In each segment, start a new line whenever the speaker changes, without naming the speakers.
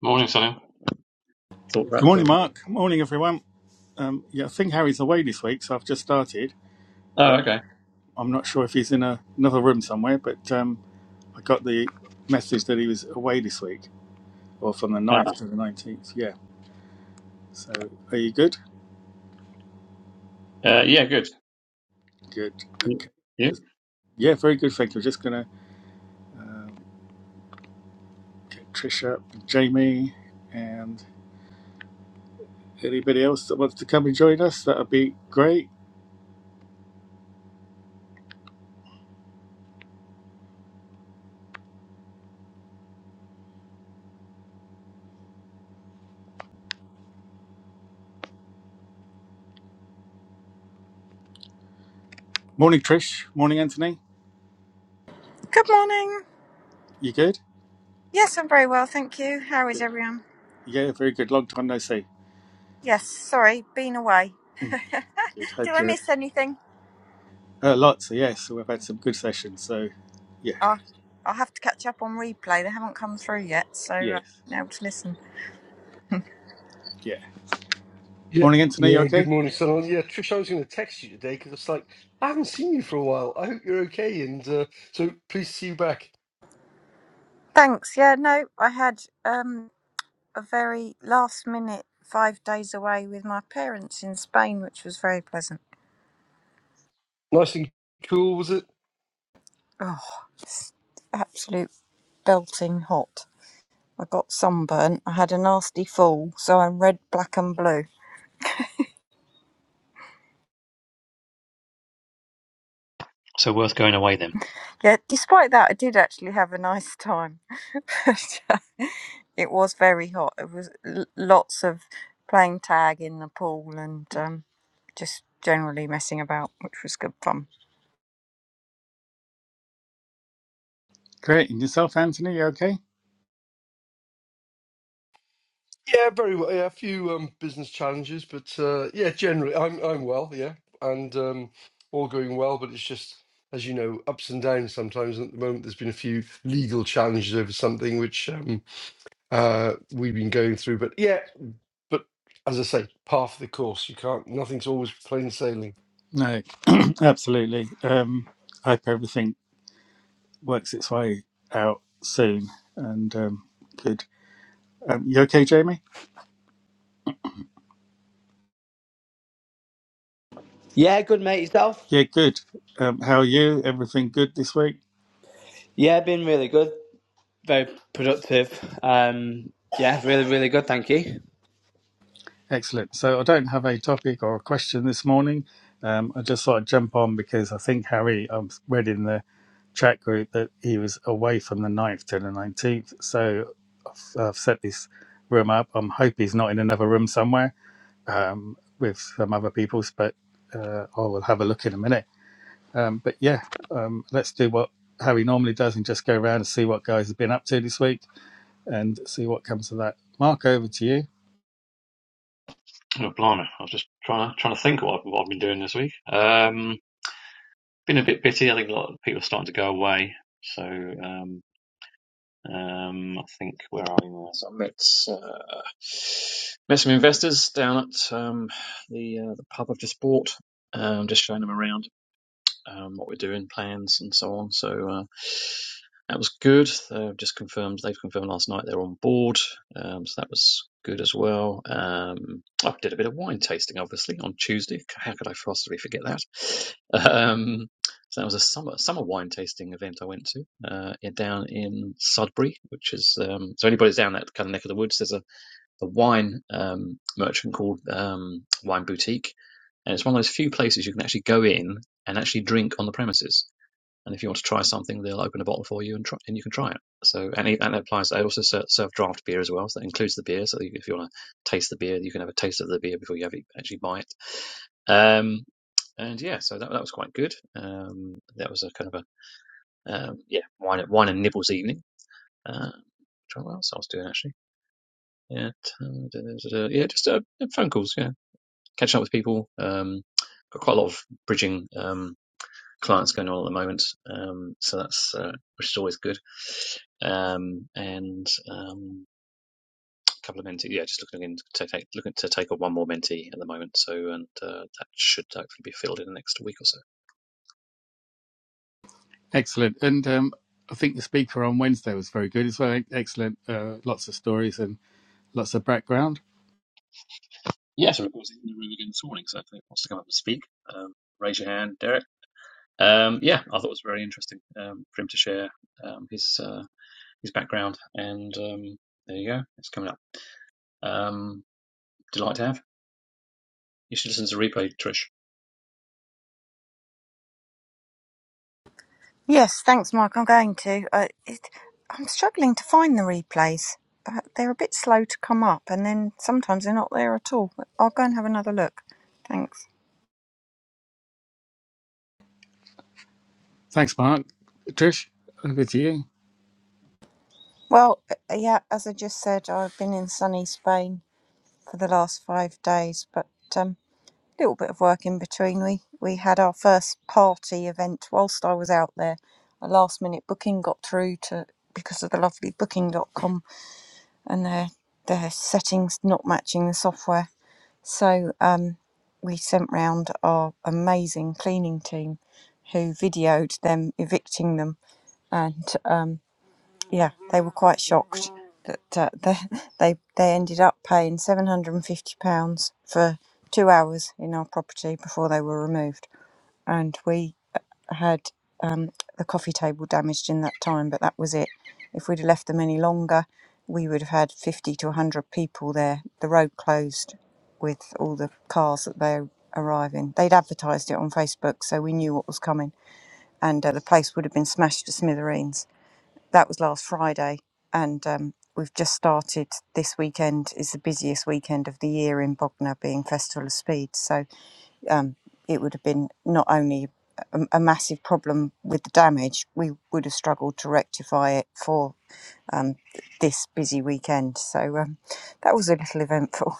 Morning, Sam. Thought that
Good morning,
through.
Mark. Morning, everyone. Um, yeah, I think Harry's away this week, so I've just started,
Oh,
but
okay.
I'm not sure if he's in a, another room somewhere. But um, I got the message that he was away this week, or from the
Ah,
ninth to the 19th. Yeah. So are you good?
Uh, yeah, good.
Good.
you?
Okay.
you?
Just yeah, very good. Thank you. Just gonna um, get Trish up, Jamie, and anybody else that wants to come and join us. That'd be great. Morning, Trish. Morning, Anthony.
Good morning.
You good?
Yes, I'm very well, thank you. How is
Good.
everyone?
Yeah, very good. Long time no see.
Yes, sorry, been away.
Mm, good.
Did
Hope
I
you're
miss anything?
Uh, lots, so yes. so We've had some good sessions. So, yeah,
Oh, I'll have to catch up on replay. They haven't come through yet, so uh,
yes,
been able to listen.
yeah.
Yeah,
Morning, Anthony. You
yeah. Good
okay?
morning, Salon. Yeah, Trish, I was going to text you today because it's like I haven't seen you for a while. I hope you're okay, and uh, so pleased to see you back.
Thanks. Yeah, no, I had um, a very last minute five days away with my parents in Spain, which was very pleasant.
Nice and cool, was it?
Oh, absolute belting hot. I got sunburnt. I had a nasty fall, so I'm red, black, and blue.
So worth going away then.
Yeah, despite that, I did actually have a nice time. But, uh, it was very hot. It was l- lots of playing tag in the pool and um, just generally messing about, which was good fun.
Great. And yourself, Anthony? You okay?
Yeah, very well. Yeah, a few um, business challenges, but uh, yeah, generally I'm I'm well. Yeah, and um, all going well. But it's just as you know, ups and downs sometimes. At the moment, there's been a few legal challenges over something which um, uh, we've been going through. But yeah, but as I say, part of the course. You can't. Nothing's always plain sailing.
No, absolutely. Um, I hope everything works its way out soon. And um, good. Um, you okay, Jamie?
Yeah, good mate yourself.
Yeah, good. Um, how are you? Everything good this week?
Yeah, been really good. Very productive. Um, yeah, really, really good. Thank you.
Excellent. So I don't have a topic or a question this morning. Um, I just thought I'd jump on because I think Harry, I read in the chat group that he was away from the ninth to the 19th. So I've, I've set this room up. I'm hope he's not in another room somewhere um, with some other people's, but uh, I will have a look in a minute. Um, but yeah, um, let's do what Harry normally does and just go around and see what guys have been up to this week and see what comes of that. Mark, over to you.
Oh, blimey. I was just trying to trying to think what I've, what I've been doing this week. Um, been a bit busy. I think a lot of people are starting to go away. So, um, um, I think where are we now? So I met uh, met some investors down at um, the uh, the pub I've just bought. Um, just showing them around. um, what we're doing, plans, and so on. So uh, that was good. They've just confirmed. They've confirmed last night they're on board. Um, so that was good as well. Um, I did a bit of wine tasting, obviously, on Tuesday. How could I possibly forget that? Um, so that was a summer summer wine tasting event I went to uh, down in Sudbury, which is um, so anybody's down that kind of neck of the woods. There's a a wine um, merchant called um, Wine Boutique, and it's one of those few places you can actually go in and actually drink on the premises. And if you want to try something, they'll open a bottle for you and try, and you can try it. So and it, and it applies. They also serve, serve draft beer as well, so that includes the beer. So if you want to taste the beer, you can have a taste of the beer before you have it, actually buy it. Um, and yeah, so that that was quite good. Um, that was a kind of a um, yeah wine wine and nibbles evening. Uh, trying what else I was doing actually. Yeah, yeah, just uh, yeah, phone calls. Yeah, catching up with people. Um, got quite a lot of bridging um, clients going on at the moment, um, so that's uh, which is always good. Um, and um, a couple of mentees. Yeah, just looking to take looking to take on one more mentee at the moment. So, and uh, that should hopefully be filled in the next week or so.
Excellent. And um, I think the speaker on Wednesday was very good as well. Excellent. Uh, lots of stories and lots of background.
Yeah, so everyone's in the room again this morning. So if anyone wants to come up and speak, um, raise your hand, Derek. Um, yeah, I thought it was very interesting um, for him to share um, his. Uh, his background, and um, there you go. It's coming up. Um, delight to have. You should listen to replay, Trish.
Yes, thanks, Mike. I'm going to. Uh, it, I'm struggling to find the replays. Uh, they're a bit slow to come up, and then sometimes they're not there at all. But I'll go and have another look. Thanks.
Thanks, Mark. Trish, over to you.
Well, uh, yeah, as I just said, I've been in sunny Spain for the last five days, but. um, little bit of work in between. We we had our first party event whilst I was out there. A last minute booking got through to because of the lovely booking dot com and their their settings not matching the software. So um, we sent round our amazing cleaning team who videoed them evicting them and um, yeah, they were quite shocked that uh, they, they they ended up paying seven hundred and fifty pounds for two hours in our property before they were removed, and we had um, the coffee table damaged in that time, but that was it. If we'd have left them any longer, we would have had fifty to hundred people there. The road closed with all the cars that they arrive in. They'd advertised it on Facebook, so we knew what was coming, and uh, the place would have been smashed to smithereens that was last Friday, and um, we've just started. This weekend is the busiest weekend of the year in Bognor, being Festival of Speed. So um, it would have been not only a, a massive problem with the damage, we would have struggled to rectify it for this busy weekend. So um, that was a little eventful.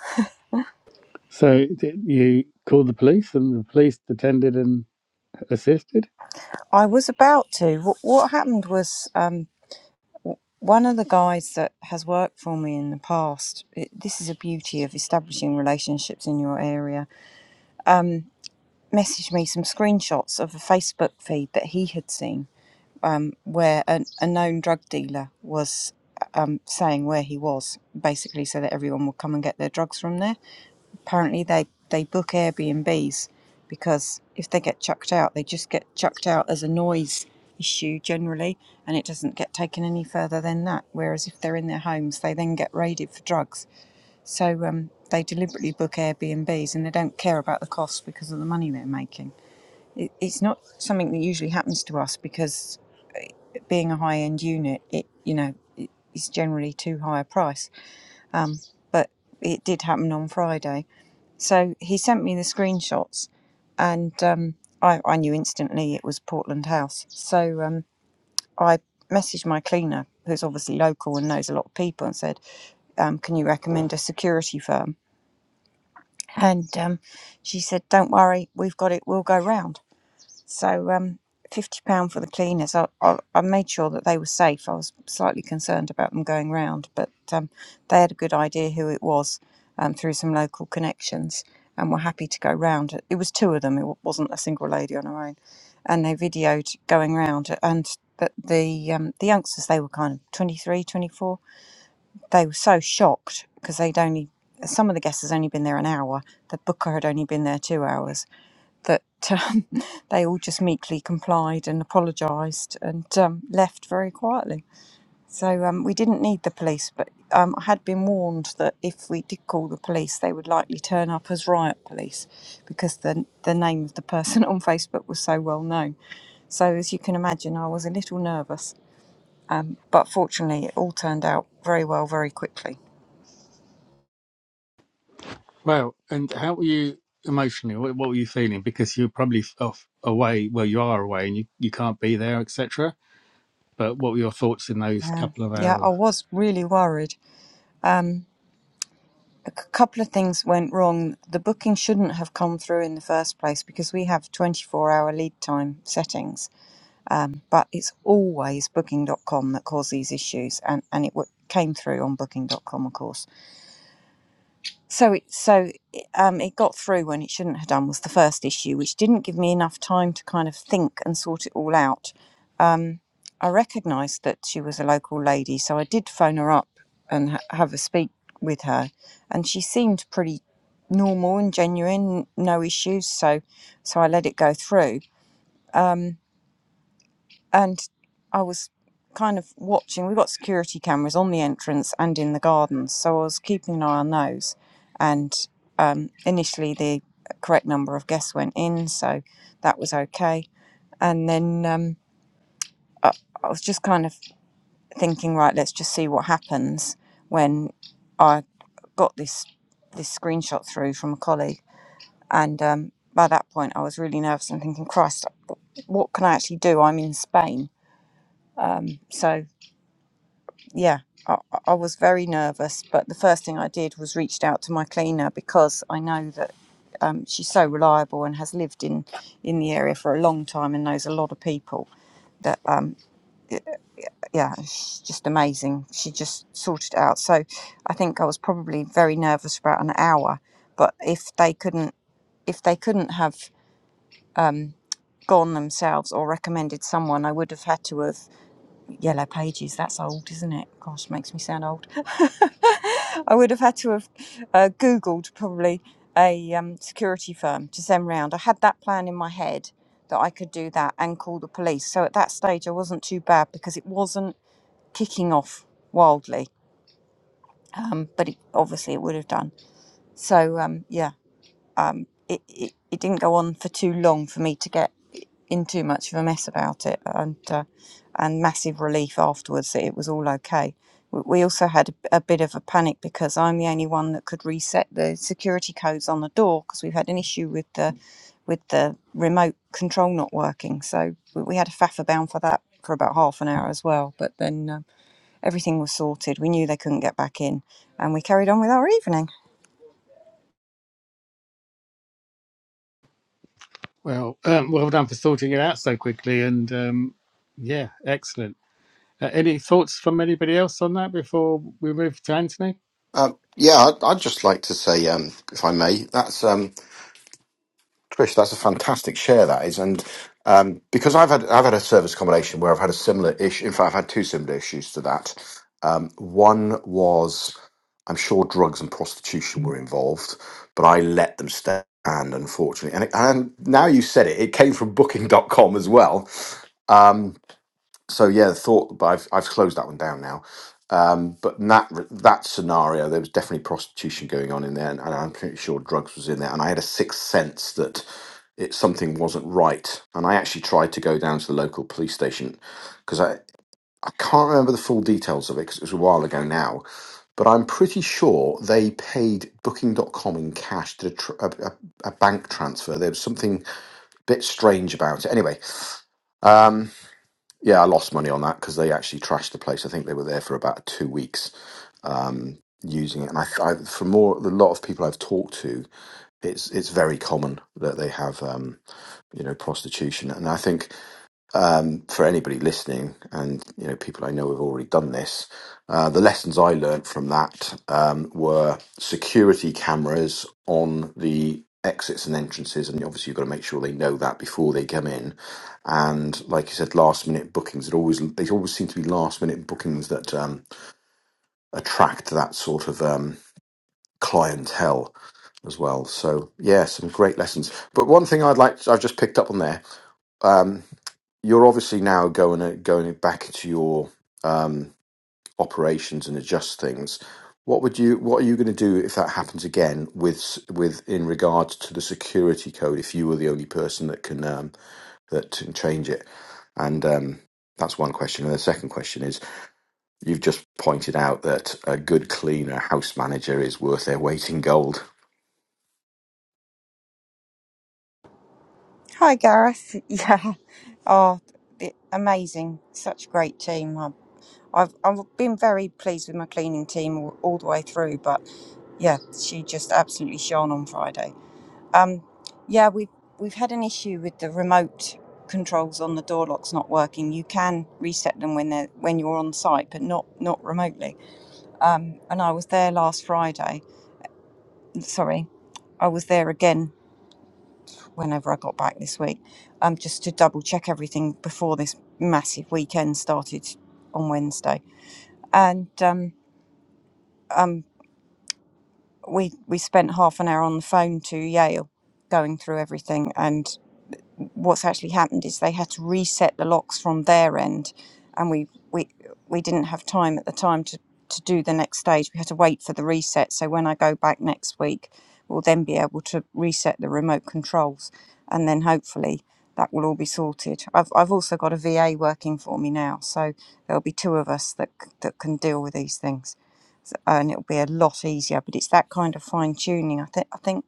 So d- you called the police and the police attended and assisted?
I was about to. What, what happened was. Um, one of the guys that has worked for me in the past, it, this is a beauty of establishing relationships in your area messaged me some screenshots of a Facebook feed that he had seen where an, a known drug dealer was um, saying where he was, basically, so that everyone would come and get their drugs from there. Apparently, they, they book Airbnbs because if they get chucked out, they just get chucked out as a noise issue generally, and it doesn't get taken any further than that. Whereas if they're in their homes, they then get raided for drugs. So um, they deliberately book Airbnbs and they don't care about the cost because of the money they're making it's not something that usually happens to us because being a high end unit, it you know is generally too high a price. Um, but it did happen on Friday, so he sent me the screenshots, and um, I, I knew instantly it was Portland House. So um, I messaged my cleaner, who's obviously local and knows a lot of people, and said, um, "Can you recommend a security firm?" And um, she said, "Don't worry, we've got it. We'll go round." So um, fifty pound for the cleaners. I, I I made sure that they were safe. I was slightly concerned about them going round, but um, they had a good idea who it was um, through some local connections, and were happy to go round. It was two of them. It wa- wasn't a single lady on her own, and they videoed going round and. But the um, the youngsters, they were kind of 23, 24. They were so shocked because they'd only, some of the guests had only been there an hour. The booker had only been there two hours that um, they all just meekly complied and apologised and um, left very quietly. So um, we didn't need the police, but um, I had been warned that if we did call the police, they would likely turn up as riot police because the, the name of the person on Facebook was so well known. So as you can imagine, I was a little nervous, but fortunately, it all turned out very well very quickly.
Well, and how were you emotionally? What, what were you feeling? Because you're probably off away, well, you are away and you, you can't be there, etc. But what were your thoughts in those
Uh,
couple of
yeah, I
hours?
was really worried A couple of things went wrong. The booking shouldn't have come through in the first place because we have 24 hour lead time settings, but it's always booking.com that causes these issues and and it w- came through on booking.com of course. So it so um it got through when it shouldn't have done was the first issue which didn't give me enough time to kind of think and sort it all out I recognised that she was a local lady, so I did phone her up and ha- have a speak with her, and she seemed pretty normal and genuine, no issues. So, so I let it go through, and I was kind of watching. We've got security cameras on the entrance and in the gardens, so I was keeping an eye on those. And um, initially, the correct number of guests went in, so that was okay. And then um, I, I was just kind of thinking, right, let's just see what happens when I got this this screenshot through from a colleague. And um, by that point, I was really nervous and thinking, Christ, what can I actually do? I'm in Spain. Um, so yeah, I, I was very nervous. But the first thing I did was reached out to my cleaner because I know that um, she's so reliable and has lived in in the area for a long time and knows a lot of people that um, yeah, she's just amazing. She just sorted it out. So I think I was probably very nervous for about an hour. But if they couldn't, if they couldn't have um, gone themselves or recommended someone, I would have had to have yellow pages. That's old, isn't it? Gosh, makes me sound old. I would have had to have uh, Googled probably a um, security firm to send round. I had that plan in my head that I could do that and call the police. So at that stage, I wasn't too bad because it wasn't kicking off wildly, um, but it, obviously it would have done. So um, yeah, um, it, it it didn't go on for too long for me to get in too much of a mess about it, and uh, and massive relief afterwards that it was all okay. We we also had a, a bit of a panic because I'm the only one that could reset the security codes on the door because we've had an issue with the with the remote control not working. So we we had a faff about for that for about half an hour as well. But then. uh, Everything was sorted. We knew they couldn't get back in, and we carried on with our evening.
Well, um, well done for sorting it out so quickly. And um, yeah, excellent. Uh, any thoughts from anybody else on that before we move to Anthony?
Um, yeah, I'd, I'd just like to say, um, if I may, that's um, Trish. That's a fantastic share that is, and um, because I've had I've had a service accommodation where I've had a similar issue. In fact, I've had two similar issues to that. Um, one was, I'm sure drugs and prostitution were involved, but I let them stand, unfortunately. And, it, and now you said it, it came from Booking dot com as well. Um, so yeah, the thought, but I've I've closed that one down now. Um, but in that that scenario, there was definitely prostitution going on in there, and, and I'm pretty sure drugs was in there. And I had a sixth sense that it something wasn't right. And I actually tried to go down to the local police station because I I can't remember the full details of it because it was a while ago now. But I'm pretty sure they paid Booking dot com in cash, did a, tr- a, a, a bank transfer. There was something a bit strange about it. Anyway, um, yeah, I lost money on that because they actually trashed the place. I think they were there for about two weeks using it, and I, I from more the lot of people I've talked to, it's it's very common that they have um, you know prostitution, and I think um, for anybody listening, and you know, people I know have already done this. Uh, the lessons I learned from that um, were security cameras on the exits and entrances, and obviously you've got to make sure they know that before they come in. And like you said, last minute bookings. It always they always seem to be last minute bookings that um, attract that sort of um, clientele as well. So yeah, some great lessons. But one thing I'd like I've just picked up on there. Um, you're obviously now going going back into your um, operations and adjust things. What would you What are you going to do if that happens again with s- with in regards to the security code? If you were the only person that can um, that can change it, and um, that's one question. And the second question is, you've just pointed out that a good cleaner house manager is worth their weight in gold.
Hi, Gareth. Yeah. Oh, the, amazing. Such a great team. I- I've, I've been very pleased with my cleaning team all, all the way through, but yeah, she just absolutely shone on Friday. Um, yeah, we've we've had an issue with the remote controls on the door locks not working. You can reset them when they're when you're on site, but not not remotely. Um, and I was there last Friday, sorry, I was there again whenever I got back this week, um, just to double check everything before this massive weekend started on Wednesday. And um, um, we we spent half an hour on the phone to Yale, going through everything. and. what's actually happened is they had to reset the locks from their end and we we we didn't have time at the time to to do the next stage we had to wait for the reset so when i go back next week we'll then be able to reset the remote controls and then hopefully that will all be sorted i've, I've also got a va working for me now so there'll be two of us that c- that can deal with these things and it'll be a lot easier but it's that kind of fine tuning i think i think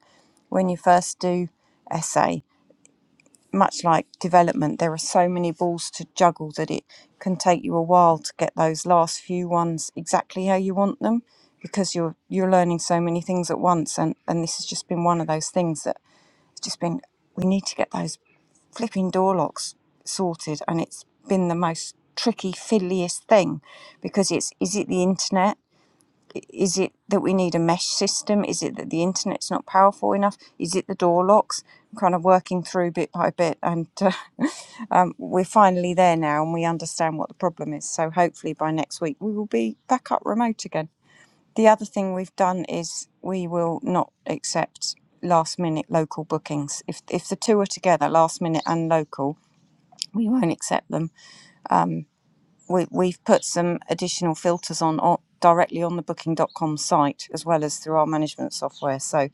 when you first do essay much like development, there are so many balls to juggle that it can take you a while to get those last few ones exactly how you want them because you're you're learning so many things at once and, and this has just been one of those things that it's just been we need to get those flipping door locks sorted and it's been the most tricky fiddliest thing because it's is it the internet is it that we need a mesh system? Is it that the internet's not powerful enough? Is it the door locks? I'm kind of working through bit by bit, and uh, um, we're finally there now, and we understand what the problem is. So hopefully by next week we will be back up remote again. The other thing we've done is we will not accept last minute local bookings. If if the two are together, last minute and local, we won't accept them we, we've put some additional filters on, on directly on the booking.com site as well as through our management software so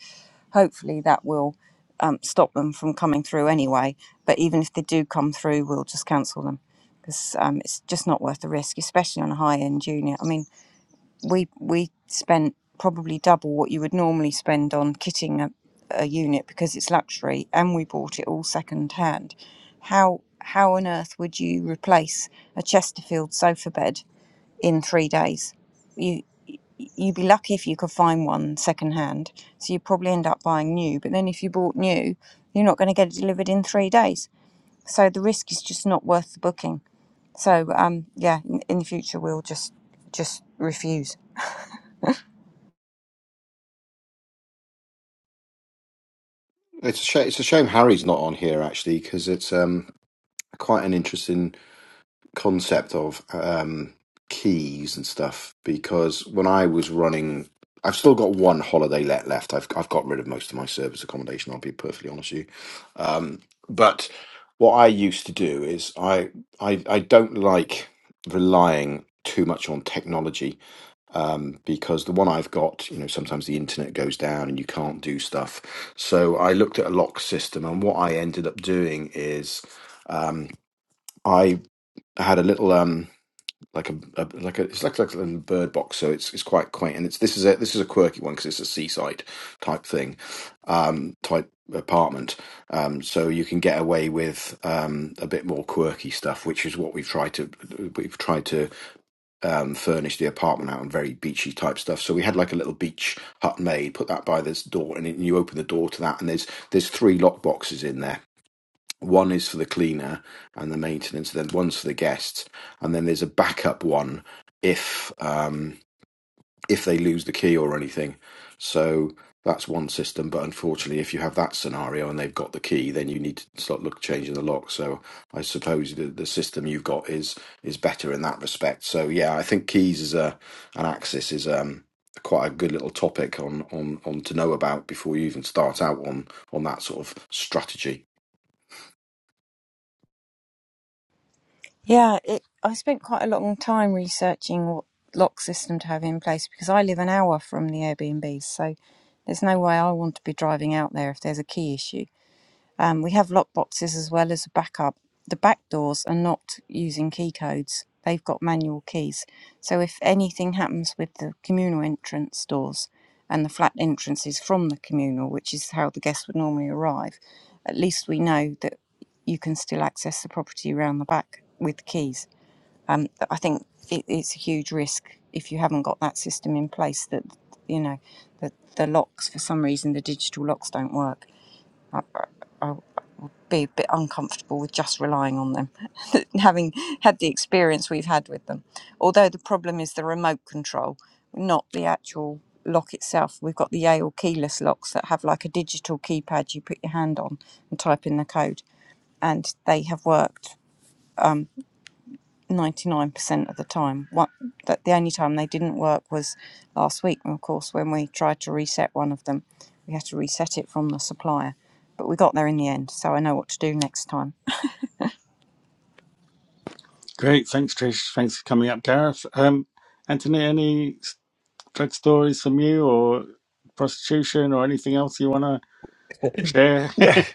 hopefully that will um, stop them from coming through anyway but even if they do come through we'll just cancel them because um, it's just not worth the risk especially on a high end junior. i mean we we spent probably double what you would normally spend on kitting a, a unit because it's luxury and we bought it all second hand how how on earth would you replace a chesterfield sofa bed in 3 days you you'd be lucky if you could find one second hand so you probably end up buying new but then if you bought new you're not going to get it delivered in 3 days so the risk is just not worth the booking so um yeah in, in the future we'll just just refuse
It's a shame, it's a shame Harry's not on here actually because it's um, quite an interesting. concept of um, keys and stuff because when I was running, I've still got one holiday let left. I've I've got rid of most of my service accommodation. I'll be perfectly honest with you. Um, but what I used to do is I I I don't like relying too much on technology um, because the one I've got, you know, sometimes the internet goes down and you can't do stuff. So I looked at a lock system, and what I ended up doing is um, I had a little. Um, like a, a like a it's like, like a little bird box so it's it's quite quaint and it's this is a this is a quirky one because it's a seaside type thing um type apartment um so you can get away with um a bit more quirky stuff which is what we've tried to we've tried to um furnish the apartment out and very beachy type stuff so we had like a little beach hut made put that by this door and then you open the door to that and there's there's three lock boxes in there one is for the cleaner and the maintenance, then one's for the guests, and then there's a backup one if um, if they lose the key or anything. So that's one system, but unfortunately, if you have that scenario and they've got the key, then you need to start look changing the lock. So I suppose the, the system you've got is is better in that respect. So yeah, I think keys is a an axis is um quite a good little topic on on on to know about before you even start out on on that sort of strategy.
Yeah, it, I spent quite a long time researching what lock system to have in place because I live an hour from the Airbnbs, so there's no way I want to be driving out there if there's a key issue. Um, we have lock boxes as well as a backup. The back doors are not using key codes, they've got manual keys. So if anything happens with the communal entrance doors and the flat entrances from the communal, which is how the guests would normally arrive, at least we know that you can still access the property around the back with keys. Um, I think it, it's a huge risk if you haven't got that system in place that, you know, that the locks, for some reason, the digital locks don't work. I, be a bit uncomfortable with just relying on them, having had the experience we've had with them. Although the problem is the remote control, not the actual lock itself. We've got the Yale keyless locks that have like a digital keypad you put your hand on and type in the code, and they have worked. 99% of the time. What that the only time they didn't work was last week, of course, when we tried to reset one of them. We had to reset it from the supplier, but we got there in the end, so I know what to do next time.
Great. Thanks, Trish. Thanks for coming up, Gareth. Um, Anthony, any s- drug stories from you or prostitution or anything else you want to share?
Yeah,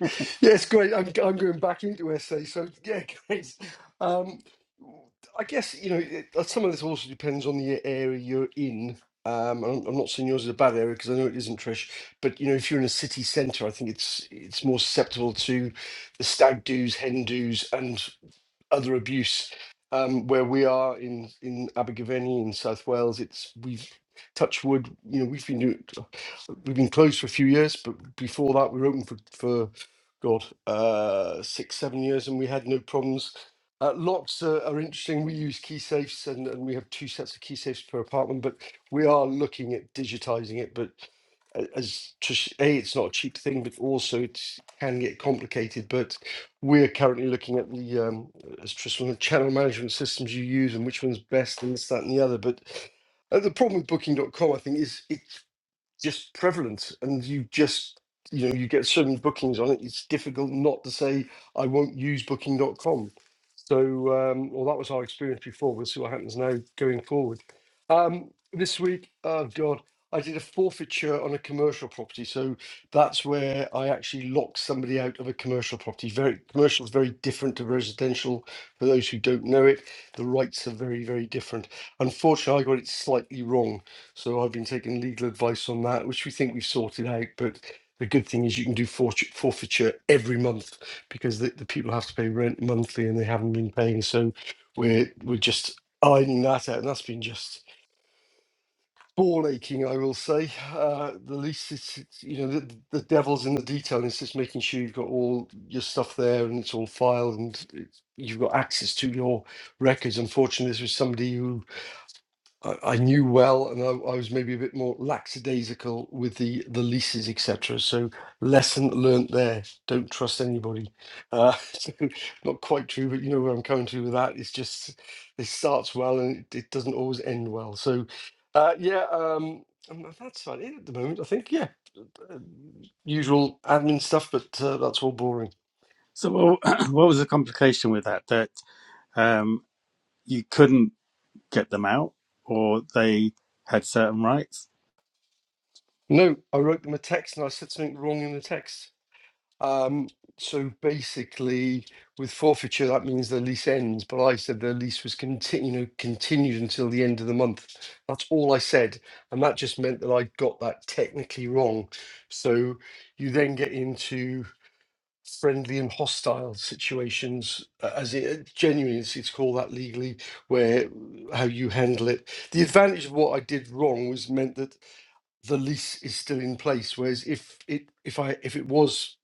yes, great. I'm, I'm going back into SA. So, yeah, great. Um, I guess, you know, it, uh, some of this also depends on the area you're in. Um, I'm, I'm not saying yours is a bad area because I know it isn't, Trish. But, you know, if you're in a city centre, I think it's it's more susceptible to the stag do's, hen do's, and other abuse. Um, where we are in in Abergavenny in South Wales, it's we've touched wood. You know, we've been doing, we've been closed for a few years, but before that, we were open for for God uh, six seven years, and we had no problems. Uh, locks are, are interesting. We use key safes, and, and we have two sets of key safes per apartment. But we are looking at digitizing it. But a- as Trish, a, it's not a cheap thing, but also it can get complicated. But we're currently looking at the um, as Tristan, on channel management systems you use and which one's best and this, that, and the other. But uh, the problem with Booking. dot com, I think, is it just prevalent and you just you know you get so many bookings on it it's difficult not to say i won't use booking.com so um well that was our experience before we'll see what happens now going forward um this week oh god i did a forfeiture on a commercial property so that's where i actually locked somebody out of a commercial property very commercial is very different to residential for those who don't know it the rights are very very different unfortunately i got it slightly wrong so I've been taking legal advice on that, which we think we've sorted out. But the good thing is you can do forfeit- forfeiture every month because the, the people have to pay rent monthly and they haven't been paying. So we're we're just ironing that out, and that's been just ball aching, I will say. Uh, the least it's, it's you know the, the devil's in the detail. It's just making sure you've got all your stuff there and it's all filed and it's, you've got access to your records. Unfortunately, this was somebody who I, I knew well, and I, I was maybe a bit more lackadaisical with the the leases, etc. So lesson learnt there: don't trust anybody. Uh, so not quite true, but you know where I'm coming to with that. It's just it starts well and it, it doesn't always end well. So uh, yeah, um, um, that's about it at the moment. I think yeah, uh, usual admin stuff, but uh, that's all boring.
so, what what was the complication with that? That um, you couldn't get them out or they had certain rights?
No, I wrote them a text and I said something wrong in the text. Um, so basically, with forfeiture, that means the lease ends. But I said the lease was continu you know, continued until the end of the month. That's all I said, and that just meant that I got that technically wrong. So you then get into friendly and hostile situations, uh, as it uh, genuinely it's, it's called that legally, where how you handle it. The advantage of what I did wrong was meant that the lease is still in place. Whereas if it if I if it was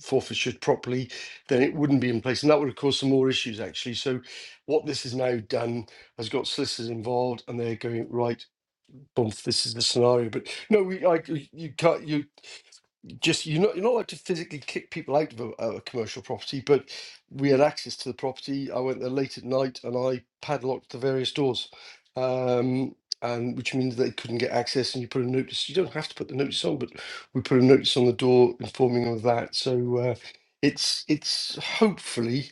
forfeited properly, then it wouldn't be in place, and that would have caused some more issues actually. So what this has now done has got solicitors involved, and they're going right. Boom, this is the scenario. But no, we, I, you can't. You just you're not you're not allowed to physically kick people out of a, a commercial property, but we had access to the property. I went there late at night and I padlocked the various doors, um, and which means they couldn't get access. And you put a notice. You don't have to put the notice on, but we put a notice on the door informing them of that. So uh, it's it's hopefully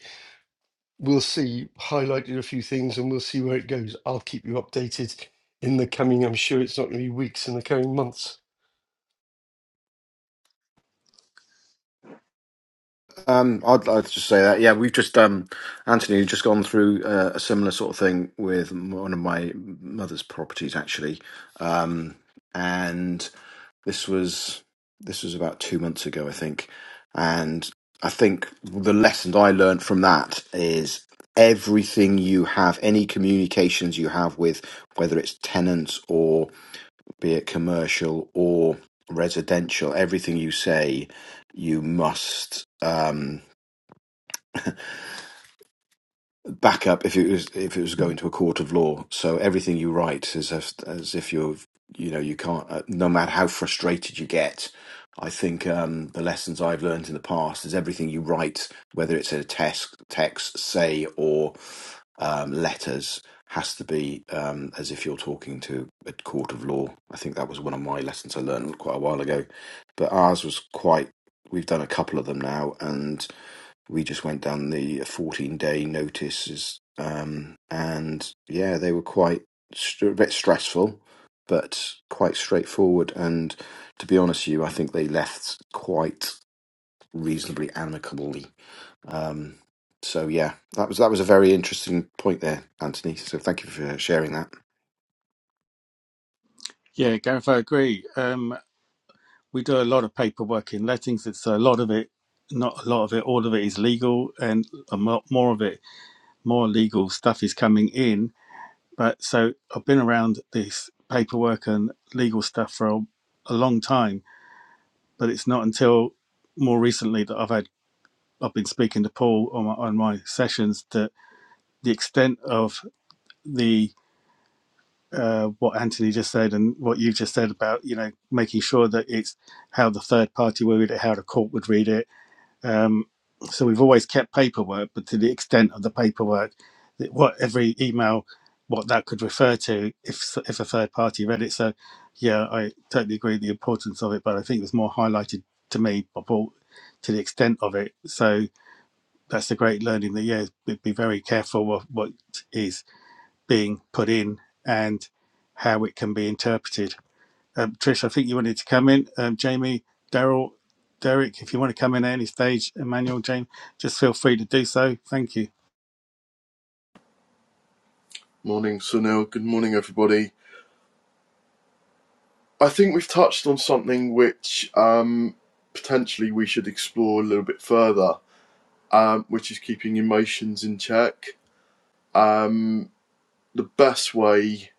we'll see highlighted a few things and we'll see where it goes. I'll keep you updated in the coming. I'm sure it's not going to be weeks in the coming months.
Um, I'd, like to just say that. Yeah, we've just um, Anthony, we've just gone through uh, a similar sort of thing with m- one of my mother's properties actually, um, and this was this was about two months ago, I think, and I think the lesson I learned from that is everything you have, any communications you have with whether it's tenants or be it commercial or residential, everything you say, you must. Um, backup if it was if it was going to a court of law. So everything you write is as, as if you're you know you can't uh, no matter how frustrated you get. I think um, the lessons I've learned in the past is everything you write, whether it's in a text, text, say, or um, letters, has to be um, as if you're talking to a court of law. I think that was one of my lessons I learned quite a while ago. But ours was quite. We've done a couple of them now, and we just went down the 14 day notices um, and yeah they were quite str a bit stressful but quite straightforward and to be honest with you i think they left quite reasonably amicably um, so yeah that was that was a very interesting point there anthony so thank you for sharing that
Yeah, Gareth, I agree. Um, we do a lot of paperwork in lettings. It's a lot of it, not a lot of it, all of it is legal and a mo- more of it more legal stuff is coming in. But so I've been around this paperwork and legal stuff for a, a long time, but it's not until more recently that I've had I've been speaking to Paul on my, on my sessions that the extent of the uh, what Anthony just said and what you just said about you know making sure that it's how the third party would read it, how the court would read it, Um, so we've always kept paperwork, but to the extent of the paperwork, that what every email, what that could refer to if if a third party read it. So, yeah, I totally agree with the importance of it, but I think it was more highlighted to me by Paul to the extent of it. So that's a great learning that yeah, be be very careful of what is being put in and how it can be interpreted. Um, Trish, I think you wanted to come in. Um, Jamie, Daryl, Derek, if you want to come in at any stage, Emmanuel, Jane, just feel free to do so. Thank you.
Morning, Sunil. Good morning, everybody. I think we've touched on something which um, potentially we should explore a little bit further, um, which is keeping emotions in check. Um, the best way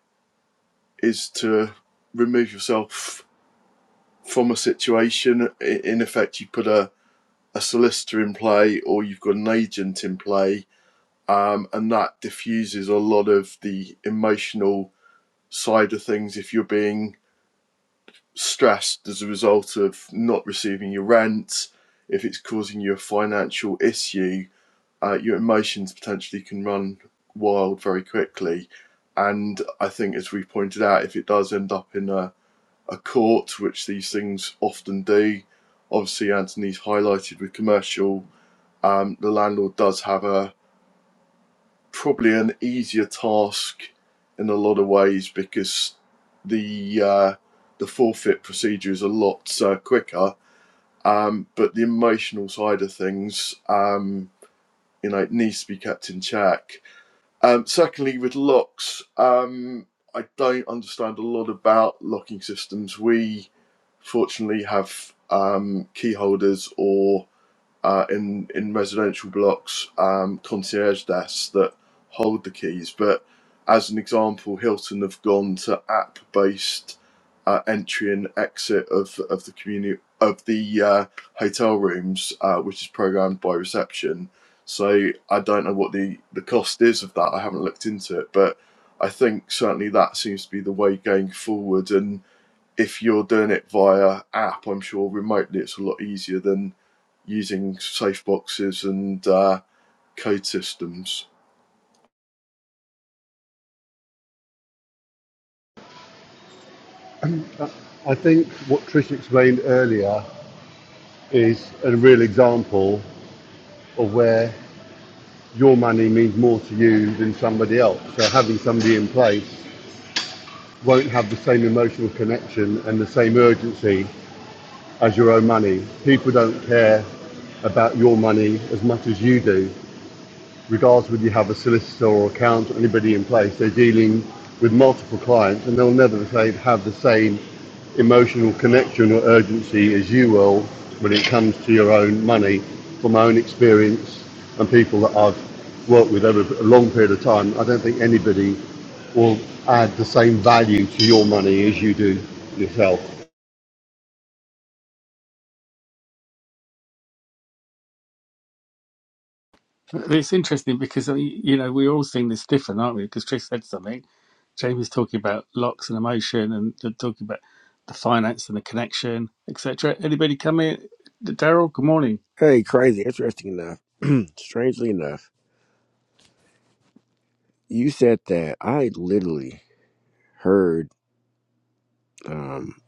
is to remove yourself from a situation. In effect, you put a, a solicitor in play or you've got an agent in play, um, and that diffuses a lot of the emotional side of things if you're being stressed as a result of not receiving your rent, if it's causing you a financial issue, uh, your emotions potentially can run wild very quickly. And I think, as we pointed out, if it does end up in a, a court, which these things often do, obviously Anthony's highlighted with commercial, um, the landlord does have a probably an easier task in a lot of ways because the uh, the forfeit procedure is a lot uh, quicker. Um, but the emotional side of things, um, you know, it needs to be kept in check. Um, secondly, with locks, um, I don't understand a lot about locking systems. We fortunately have um, key holders or uh, in in residential blocks um, concierge desks that hold the keys. But as an example, Hilton have gone to app based uh, entry and exit of of the community of the uh, hotel rooms, uh, which is programmed by reception. So I don't know what the the cost is of that. I haven't looked into it, but I think certainly that seems to be the way going forward. And if you're doing it via app, I'm sure remotely it's a lot easier than using safe boxes and uh, code systems.
I think what Trish explained earlier is a real example of where your money means more to you than somebody else. So having somebody in place won't have the same emotional connection and the same urgency as your own money. People don't care about your money as much as you do. regardless whether you have a solicitor or accountant or anybody in place, they're dealing with multiple clients and they'll never say, have the same emotional connection or urgency as you will when it comes to your own money from my own experience and people that I've worked with over a long period of time. I don't think anybody will add the same value to your money as you do yourself.
It's interesting because uh, y- you know we're all seeing this different, aren't we? Because Trish said something. Jamie's talking about locks and emotion, and you're talking about the finance and the connection, etc. Anybody come in? Daryl, good morning.
Hey, crazy. Interesting enough, strangely enough, you said that I literally heard, um,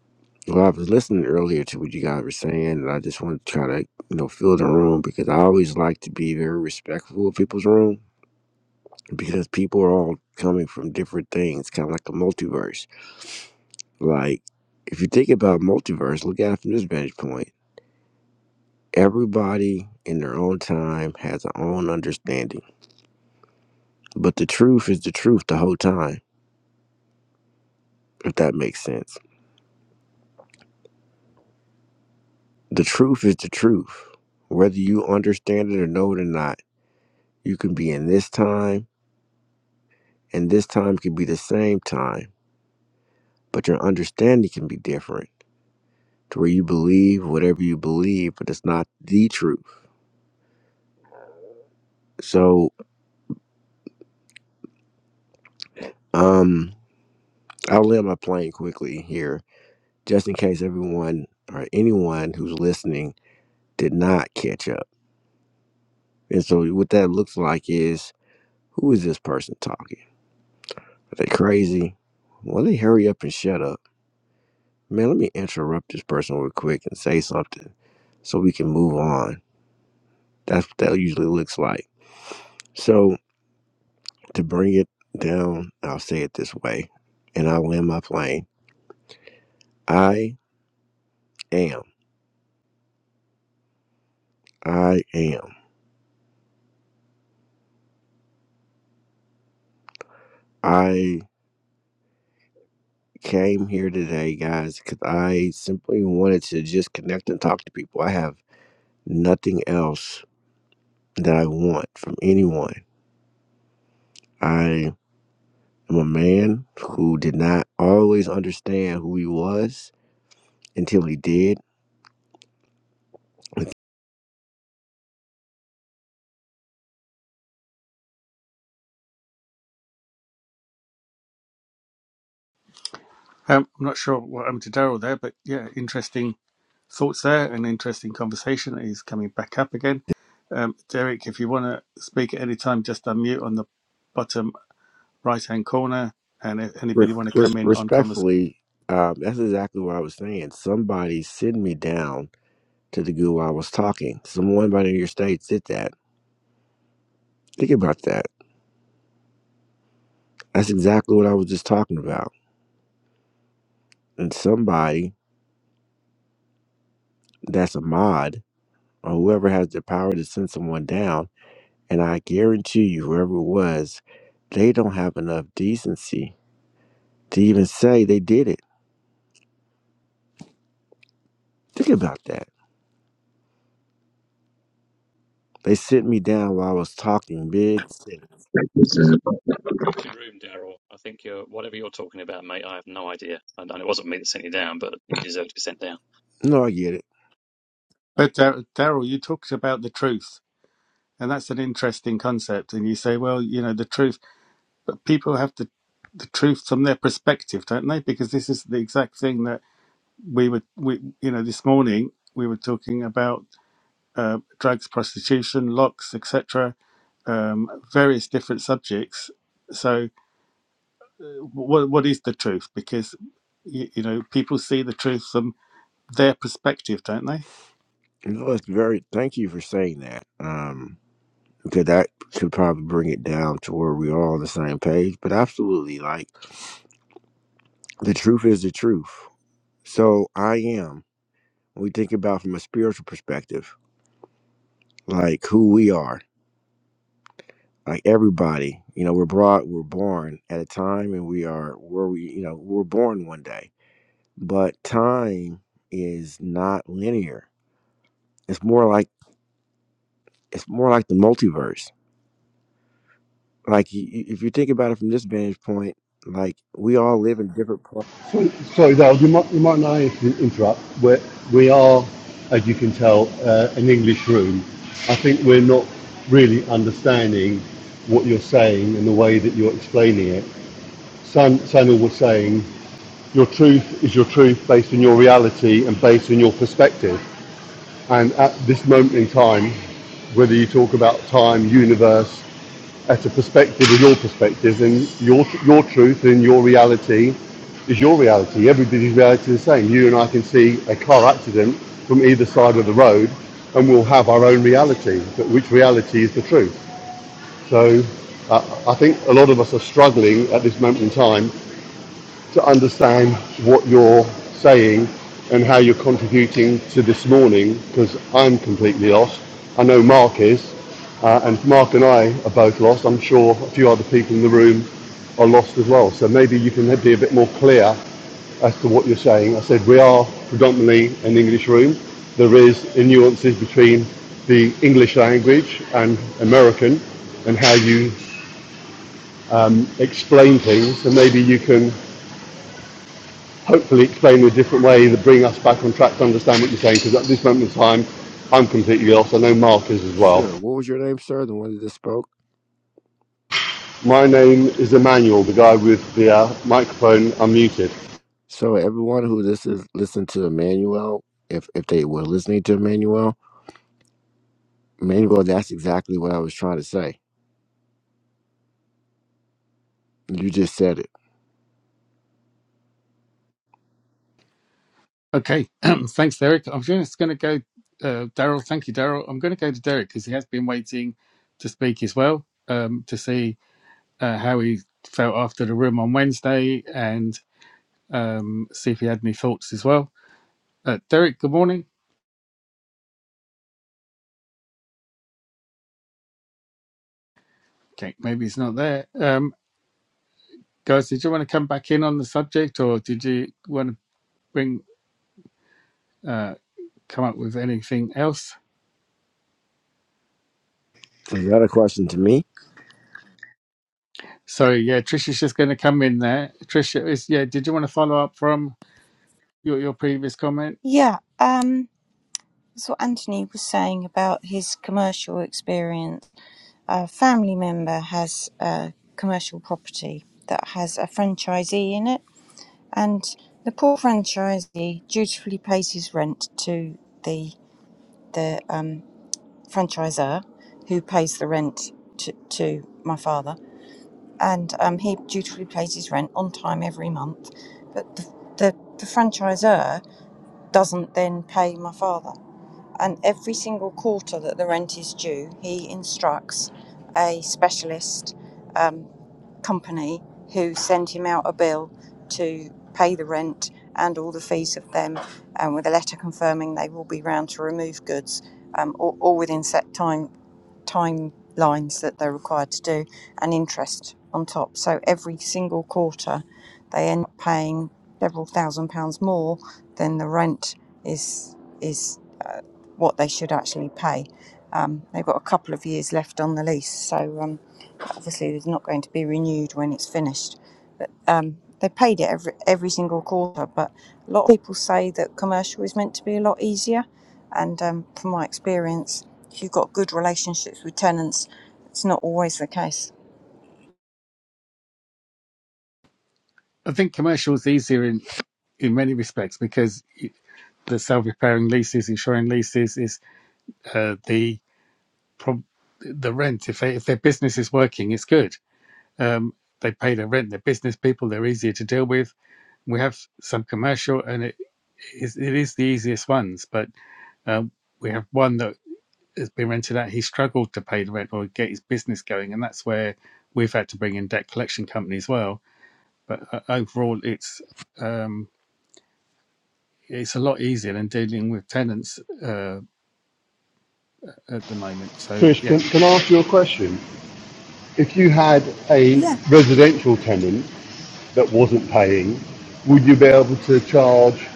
well, I was listening earlier to what you guys were saying, and I just wanted to try to, you know, fill the room because I always like to be very respectful of people's room because people are all coming from different things, kind of like a multiverse. Like, if you think about multiverse, look at it from this vantage point. Everybody in their own time has their own understanding, but the truth is the truth the whole time, if that makes sense The truth is the truth. Whether you understand it or know it or not, you can be in this time, and this time can be the same time, but your understanding can be different to where you believe whatever you believe, but it's not the truth. So, um, I'll land my plane quickly here, just in case everyone or anyone who's listening did not catch up. And so, what that looks like is who is this person talking? Are they crazy? Well, they hurry up and shut up Man, let me interrupt this person real quick and say something so we can move on. That's what that usually looks like. So, to bring it down, I'll say it this way and I'll land my plane. I am. I am. I came here today, guys, because I simply wanted to just connect and talk to people. I have nothing else that I want from anyone. I am a man who did not always understand who he was until he did
Um, I'm not sure what happened to Daryl there, but yeah, interesting thoughts there. An interesting conversation. is coming back up again. Um, Derek, if you want to speak at any time, just unmute on the bottom right hand corner. And if
Re-
anybody want to
re-
come in on conversation.
respectfully, um, that's exactly what I was saying. Somebody sit me down to the goo while I was talking. Someone by the your states did that. Think about that. That's exactly what I was just talking about. And somebody that's a mod or whoever has the power to send someone down, and I guarantee you, whoever it was, they don't have enough decency to even say they did it. Think about that. They sent me down while I was talking big. shit.
Good room, Daryl. I think you're whatever you're talking about, mate. I have no idea, and it wasn't me that sent you down, but you deserve to be sent down.
No, I get it.
But Dar- Daryl, you talked about the truth, and that's an interesting concept. And you say, well, you know, the truth, but people have to the truth from their perspective, don't they? Because this is the exact thing that we were, we, you know, this morning we were talking about uh, drugs, prostitution, locks, etc um, various different subjects. So, what what is the truth? Because you, you know people see the truth from their perspective, don't they?
No, it's very. Thank you for saying that, um, because that could probably bring it down to where we're all on the same page. But absolutely, like the truth is the truth. So I am. When we think about from a spiritual perspective, like who we are, like everybody. You know, we're brought, we're born at a time, and we are where we. You know, we're born one day, but time is not linear. It's more like it's more like the multiverse like y- y- if you think about it from this vantage point, like we all live in different parts.
Sorry, Dale, you might, you might not inter- interrupt. We're, we are, as you can tell, uh, an English room. I think we're not really understanding what you're saying and the way that you're explaining it. San, Sanil was saying, your truth is your truth based on your reality and based on your perspective. And at this moment in time, whether you talk about time, universe, at a perspective of your perspective, and your your truth and your reality is your reality. Everybody's reality is the same. You and I can see a car accident from either side of the road, and we'll have our own reality. But which reality is the truth? So, uh, I think a lot of us are struggling at this moment in time to understand what you're saying and how you're contributing to this morning because I'm completely lost. I know Mark is, uh, and Mark and I are both lost. I'm sure a few other people in the room are lost as well. So maybe you can be a bit more clear as to what you're saying. I said we are predominantly an English room. There is nuances between the English language and American and how you explain things. So maybe you can hopefully explain in a different way that bring us back on track to understand what you're saying. Because at this moment in time, I'm completely lost. I know Mark is as well.
Sure. What was your name, sir? The one that just spoke.
My name is Emmanuel, the guy with the uh, microphone unmuted.
So everyone who this is listened to Emmanuel, if if they were listening to Emmanuel, Emmanuel, that's exactly what I was trying to say. You just said it.
Okay, thanks, Derek. I'm just going to go, uh, Daryl. Thank you, Daryl. I'm going to go to Derek because he has been waiting to speak as well um, to see uh, how he felt after the room on Wednesday and um, see if he had any thoughts as well. Uh, Derek, good morning. Okay, maybe he's not there. Um, guys, did you want to come back in on the subject, or did you want to? bring uh, come up with anything else.
Is that a question to me?
So yeah, Trisha's just going to come in there. Trisha is yeah. Did you want to follow up from your your previous comment?
Yeah, um, that's what Anthony was saying about his commercial experience. A family member has a commercial property that has a franchisee in it, and the poor franchisee dutifully pays his rent to the the um, franchisor, who pays the rent to, to my father, and um, he dutifully pays his rent on time every month, but the the, the franchisor doesn't then pay my father and every single quarter that the rent is due, he instructs a specialist um, company who send him out a bill to pay the rent and all the fees of them, and with a letter confirming they will be round to remove goods, um, all, all within set time timelines that they're required to do and interest on top. So every single quarter, they end up paying several thousand pounds more than the rent is is uh, what they should actually pay. Um, they've got a couple of years left on the lease, so um, obviously it's not going to be renewed when it's finished. But Um, they paid it every every single quarter, but a lot of people say that commercial is meant to be a lot easier. And um, from my experience, if you've got good relationships with tenants, it's not always the case.
I think commercial is easier in in many respects because the self repairing leases, insuring leases is uh, the prob- the rent. If they, if their business is working, it's good. Um, they pay their rent. They're business people. They're easier to deal with. We have some commercial, and it is it is the easiest ones, but um, we have one that has been rented out, he struggled to pay the rent or get his business going, and that's where we've had to bring in debt collection company as well. But uh, overall, it's um, it's a lot easier than dealing with tenants uh, at the moment. So
Trish,
yeah,
can, can I ask you a question? If you had a
Yeah.
residential tenant that wasn't paying, would you be able to charge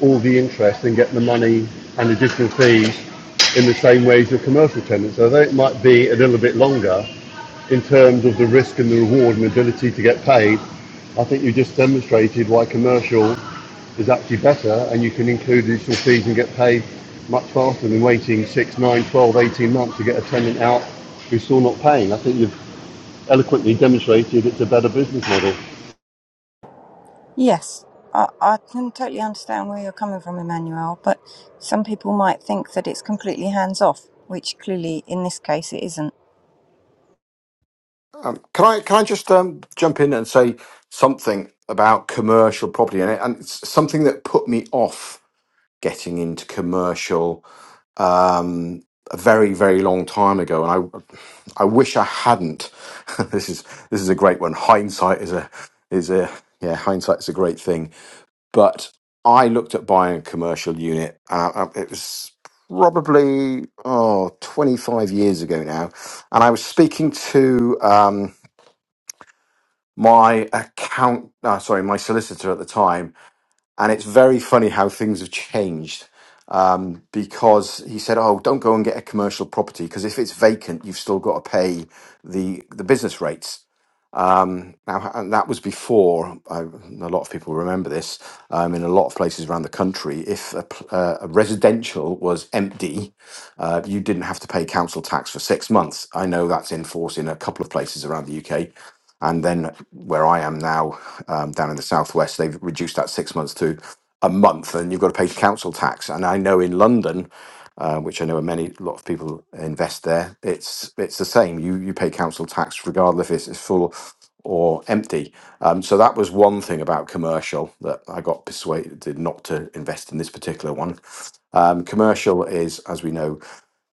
all the interest and get the money and additional fees in the same way as your commercial tenants? So I think it might be a little bit longer in terms of the risk and the reward and the ability to get paid. I think you just demonstrated why commercial is actually better and you can include additional fees and get paid much faster than waiting 6, nine, twelve, eighteen months to get a tenant out who's still not paying. I think you've eloquently demonstrated it's a better business model.
Yes. I, I can totally understand where you're coming from, Emmanuel, but some people might think that it's completely hands off, which clearly in this case it isn't.
um, can I can I just um, jump in and say something about commercial property and, and it's something that put me off getting into commercial um, a very very long time ago, and I I wish I hadn't. this is this is a great one. Hindsight is a is a yeah hindsight is a great thing. But I looked at buying a commercial unit. Uh, uh, it was probably oh 25 years ago now, and I was speaking to um, my account. Uh, sorry, my solicitor at the time and it's very funny how things have changed um, because he said, "Oh, don't go and get a commercial property because if it's vacant, you've still got to pay the the business rates." Um, now, and that was before, I, and A lot of people remember this, um, in a lot of places around the country, if a, pl- uh, a residential was empty, uh, you didn't have to pay council tax for six months. I know that's in force in a couple of places around the UK. And then where I am now, um, down in the southwest, they've reduced that six months to a month, and you've got to pay council tax. And I know in London, uh, which I know many a lot of people invest there. It's it's the same. You you pay council tax regardless if it's, it's full or empty. Um, so that was one thing about commercial that I got persuaded not to invest in this particular one. Um, commercial is, as we know,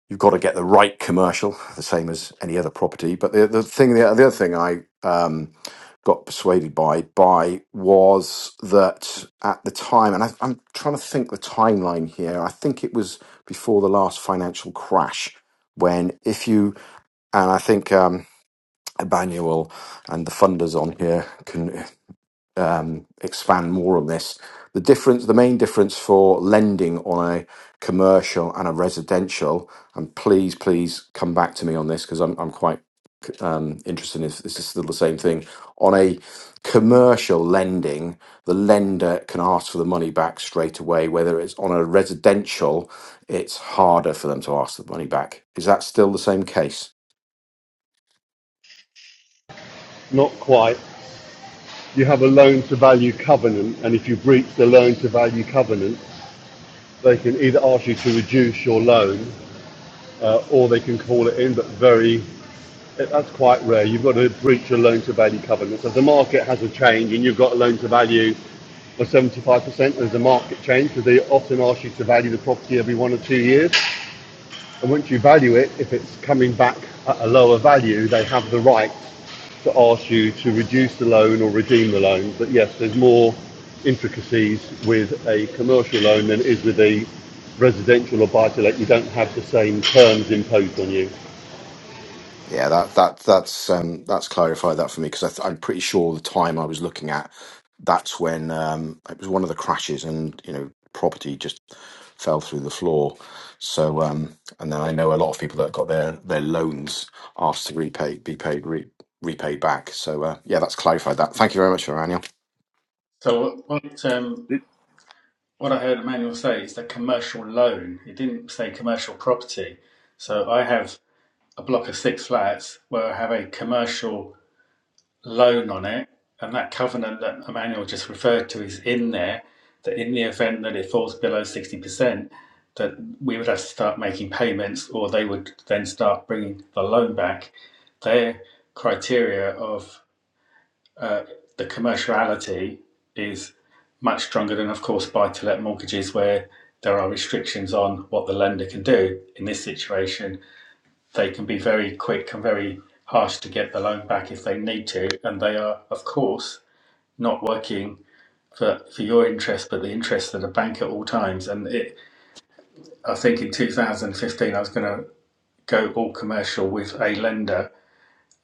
you've got to get the right commercial, the same as any other property. But the, the thing, the, other thing I um, got persuaded by by was that at the time, and I, I'm trying to think the timeline here. I think it was before the last financial crash when if you and I think. Um, Emmanuel and the funders on here can um, expand more on this. The difference, the main difference for lending on a commercial and a residential, and please, please come back to me on this because I'm, I'm quite um, interested in if this is still the same thing. On a commercial lending, the lender can ask for the money back straight away. Whether it's on a residential, it's harder for them to ask the money back. Is that still the same case?
Not quite you have a loan to value covenant, and if you breach the loan to value covenant, they can either ask you to reduce your loan uh, or they can call it in, but very that's quite rare. You've got to breach a loan to value covenant. So if the market has a change and you've got a loan to value of 75% There's a market change because they often ask you to value the property every one or two years. And once you value it, if it's coming back at a lower value, they have the right to ask you to reduce the loan or redeem the loan. But yes, there's more intricacies with a commercial loan than is with a residential or buy-to-let. You don't have the same terms imposed on you.
Yeah, that that that's um, that's clarified that for me because I'm pretty sure the time I was looking at, that's when um, it was one of the crashes, and you know, property just fell through the floor. So, um, and then I know a lot of people that got their their loans asked to repay be paid re, repaid back. So, uh, yeah, that's clarified that. Thank you very much, for Daniel.
So what, what, um, what I heard Emmanuel say is that commercial loan. It didn't say commercial property. So I have a block of six flats where I have a commercial. loan on it, and that covenant that Emmanuel just referred to is in there, that in the event that it falls below 60%, that we would have to start making payments or they would then start bringing the loan back. Their criteria of uh, the commerciality is much stronger than, of course, buy to let mortgages where there are restrictions on what the lender can do. In this situation, they can be very quick and very harsh to get the loan back if they need to. And they are, of course, not working for, for your interest, but the interest of the bank at all times. And it, I think in 2015, I was going to go all commercial with a lender,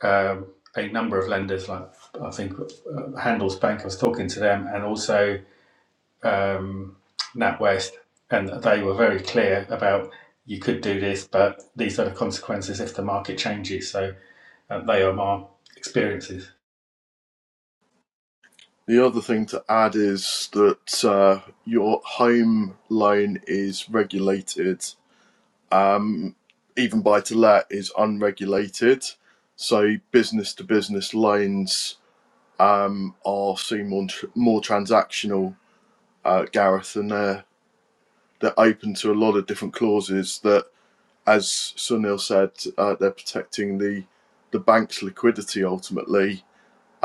um, a number of lenders, like I think uh, Handelsbank, I was talking to them, and also. um, NatWest, and they were very clear about you could do this, but these are the consequences if the market changes. So uh, they are my experiences.
The other thing to add is that uh, your home loan is regulated. Even buy to let is unregulated. So business to business loans um, are seen more, more transactional, uh, Gareth, and they're, they're open to a lot of different clauses that, as Sunil said, uh, they're protecting the, the bank's liquidity ultimately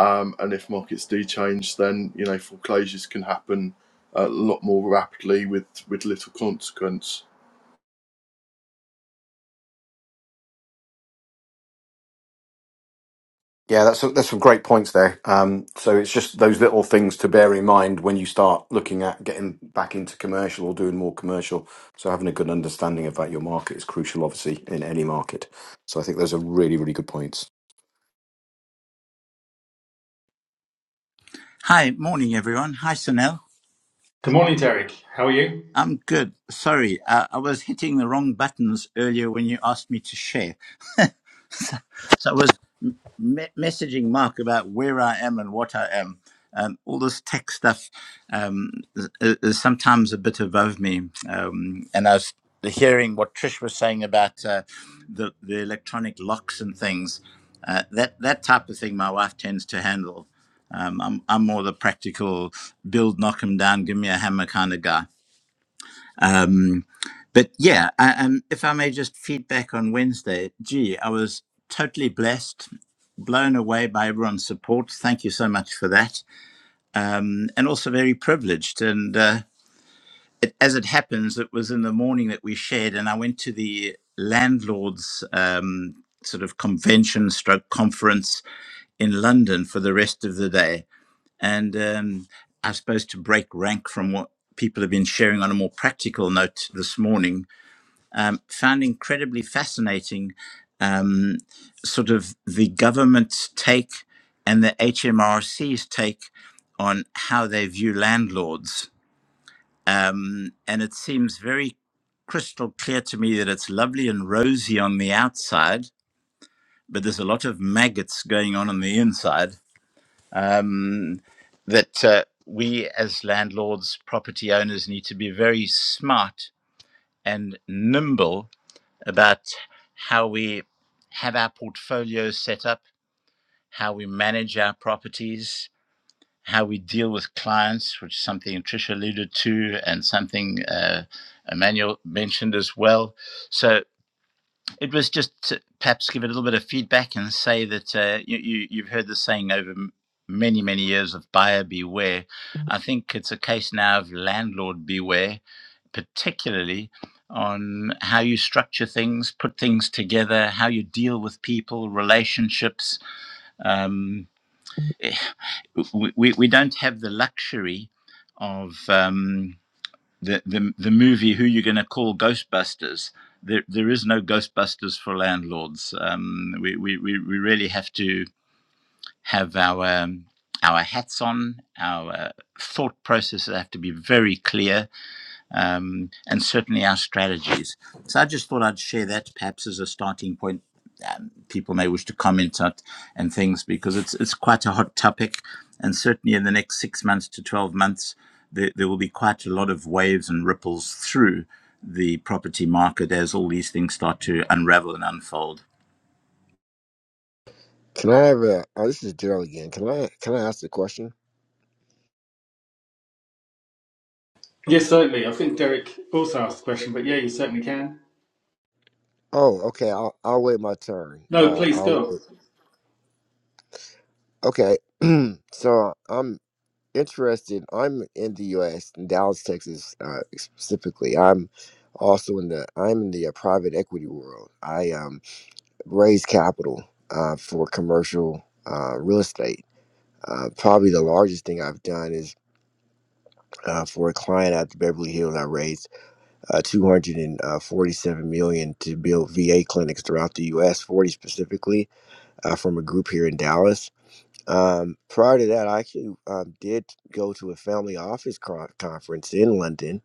Um, and if markets do change, then you know foreclosures can happen uh, a lot more rapidly with with little consequence.
Yeah, that's that's some great points there. Um, so it's just those little things to bear in mind when you start looking at getting back into commercial or doing more commercial. So having a good understanding about your market is crucial, obviously, in any market. So I think those are really, really good points.
Hi, morning everyone. Hi, Sunil.
Good morning, Derek. How are you?
I'm good. Sorry, uh, I was hitting the wrong buttons earlier when you asked me to share. So I was me- messaging Mark about where I am and what I am. Um, all this tech stuff um, is, is sometimes a bit above me. Um, and I was hearing what Trish was saying about uh, the, the electronic locks and things. Uh, that, that type of thing my wife tends to handle. Um, I'm, I'm more the practical build, knock 'em down, give me a hammer kind of guy. Um, but yeah, I, um, if I may just feedback on Wednesday, gee, I was totally blessed, blown away by everyone's support. Thank you so much for that. Um, and also very privileged. And uh, it, as it happens, it was in the morning that we shared, and I went to the landlord's um, sort of convention stroke conference in London for the rest of the day. And um, I suppose to break rank from what people have been sharing on a more practical note this morning, um, found incredibly fascinating um, sort of the government's take and the HMRC's take on how they view landlords. Um, and it seems very crystal clear to me that it's lovely and rosy on the outside, but there's a lot of maggots going on on the inside. Um, that uh, we as landlords, property owners, need to be very smart and nimble about how we have our portfolios set up, how we manage our properties, how we deal with clients, which is something Tricia alluded to and something uh, Emmanuel mentioned as well. So it was just to perhaps give a little bit of feedback and say that uh, you, you, you've heard the saying over many, many years of buyer beware. Mm-hmm. I think it's a case now of landlord beware particularly on how you structure things, put things together, how you deal with people, relationships. Um, we, we don't have the luxury of um, the, the, the movie Who You are Gonna Call Ghostbusters. There, there is no Ghostbusters for landlords. Um, we, we, we really have to have our um, our hats on. Our uh, thought processes have to be very clear um, and certainly our strategies. So I just thought I'd share that perhaps as a starting point. Um, people may wish to comment on and things because it's it's quite a hot topic, and certainly in the next six months to twelve months, there, there will be quite a lot of waves and ripples through the property market as all these things start to unravel and unfold.
Can I have a? Oh, this is Daryl again. Can I can I ask a question?
Yes, certainly. I think Derek also asked the question, but yeah, you certainly can.
Oh, okay. I'll I'll wait my turn.
No,
Uh,
please
I'll
go.
okay. So I'm interested. I'm in the U.S. in Dallas, Texas, uh, specifically. I'm also in the I'm in the uh, private equity world. I um, raise capital uh, for commercial uh, real estate. Uh, probably the largest thing I've done is uh, for a client out of Beverly Hills. I raised uh, 247 million to build VA clinics throughout the U.S., 40 specifically uh, from a group here in Dallas. Um, prior to that, I actually um, did go to a family office con- conference in London.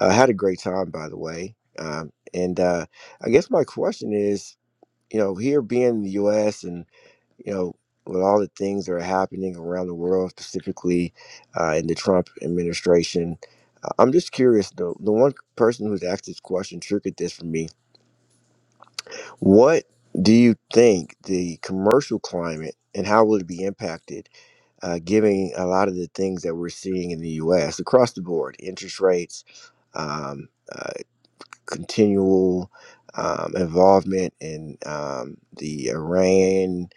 I had a great time, by the way. Um, and uh, I guess my question is, you know, here being in the U.S. and you know with all the things that are happening around the world, specifically uh, in the Trump administration, uh, I'm just curious. The the one person who's asked this question triggered this for me. What do you think the commercial climate and how will it be impacted? uh, giving a lot of the things that we're seeing in the U.S. across the board, interest rates, um, uh, continual um, involvement in um, the Iran,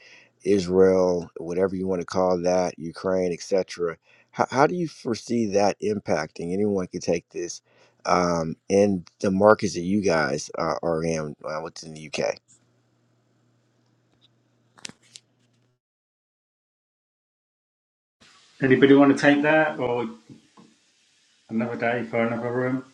Israel, whatever you want to call that, Ukraine, etc. How, how do you foresee that impacting? Anyone can take this um, in the markets that you guys are, are in uh, within the UK.
Anybody want to take that or another day for another room?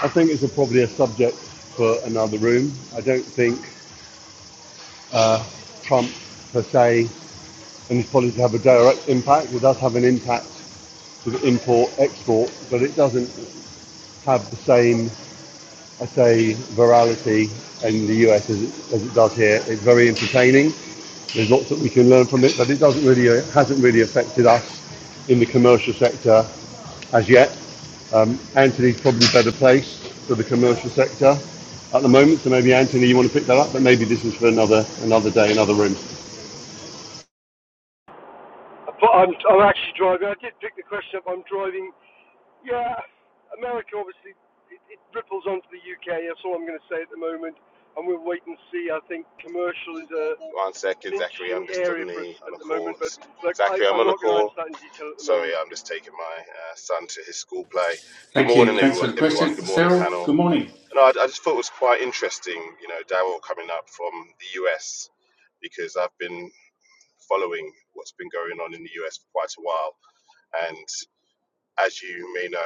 I think it's a, probably a subject for another room. I don't think uh, Trump per se and his policies have a direct impact. It does have an impact with import export, but it doesn't have the same I say virality in the US as it, as it does here. It's very entertaining. There's lots that we can learn from it, but it doesn't really it hasn't really affected us in the commercial sector as yet. Um, Anthony's probably better placed for the commercial sector at the moment, so maybe Anthony, you want to pick that up, but maybe this is for another another day, another room.
But I'm, I'm actually driving. I did pick the question up. I'm driving. Yeah, America obviously it, it ripples onto the UK. That's all I'm going to say at the moment. And we'll wait and see. I think commercial is a
One second,
an
Zachary. I'm
interesting
just
area
on the
for us at
on a
the
call.
moment. But look, I,
Zachary, I'm
I'm
on a
not going to
call.
answer that in detail at the
Sorry,
moment.
I'm just taking my uh, son to his school play. Good
Thank
morning,
you. Thanks for
everyone.
the
Everyone.
question.
Good morning,
Cyril,
panel.
good morning.
And I, I just thought it was quite interesting, you know, Daryl coming up from the US because I've been following what's been going on in the US for quite a while. And as you may know,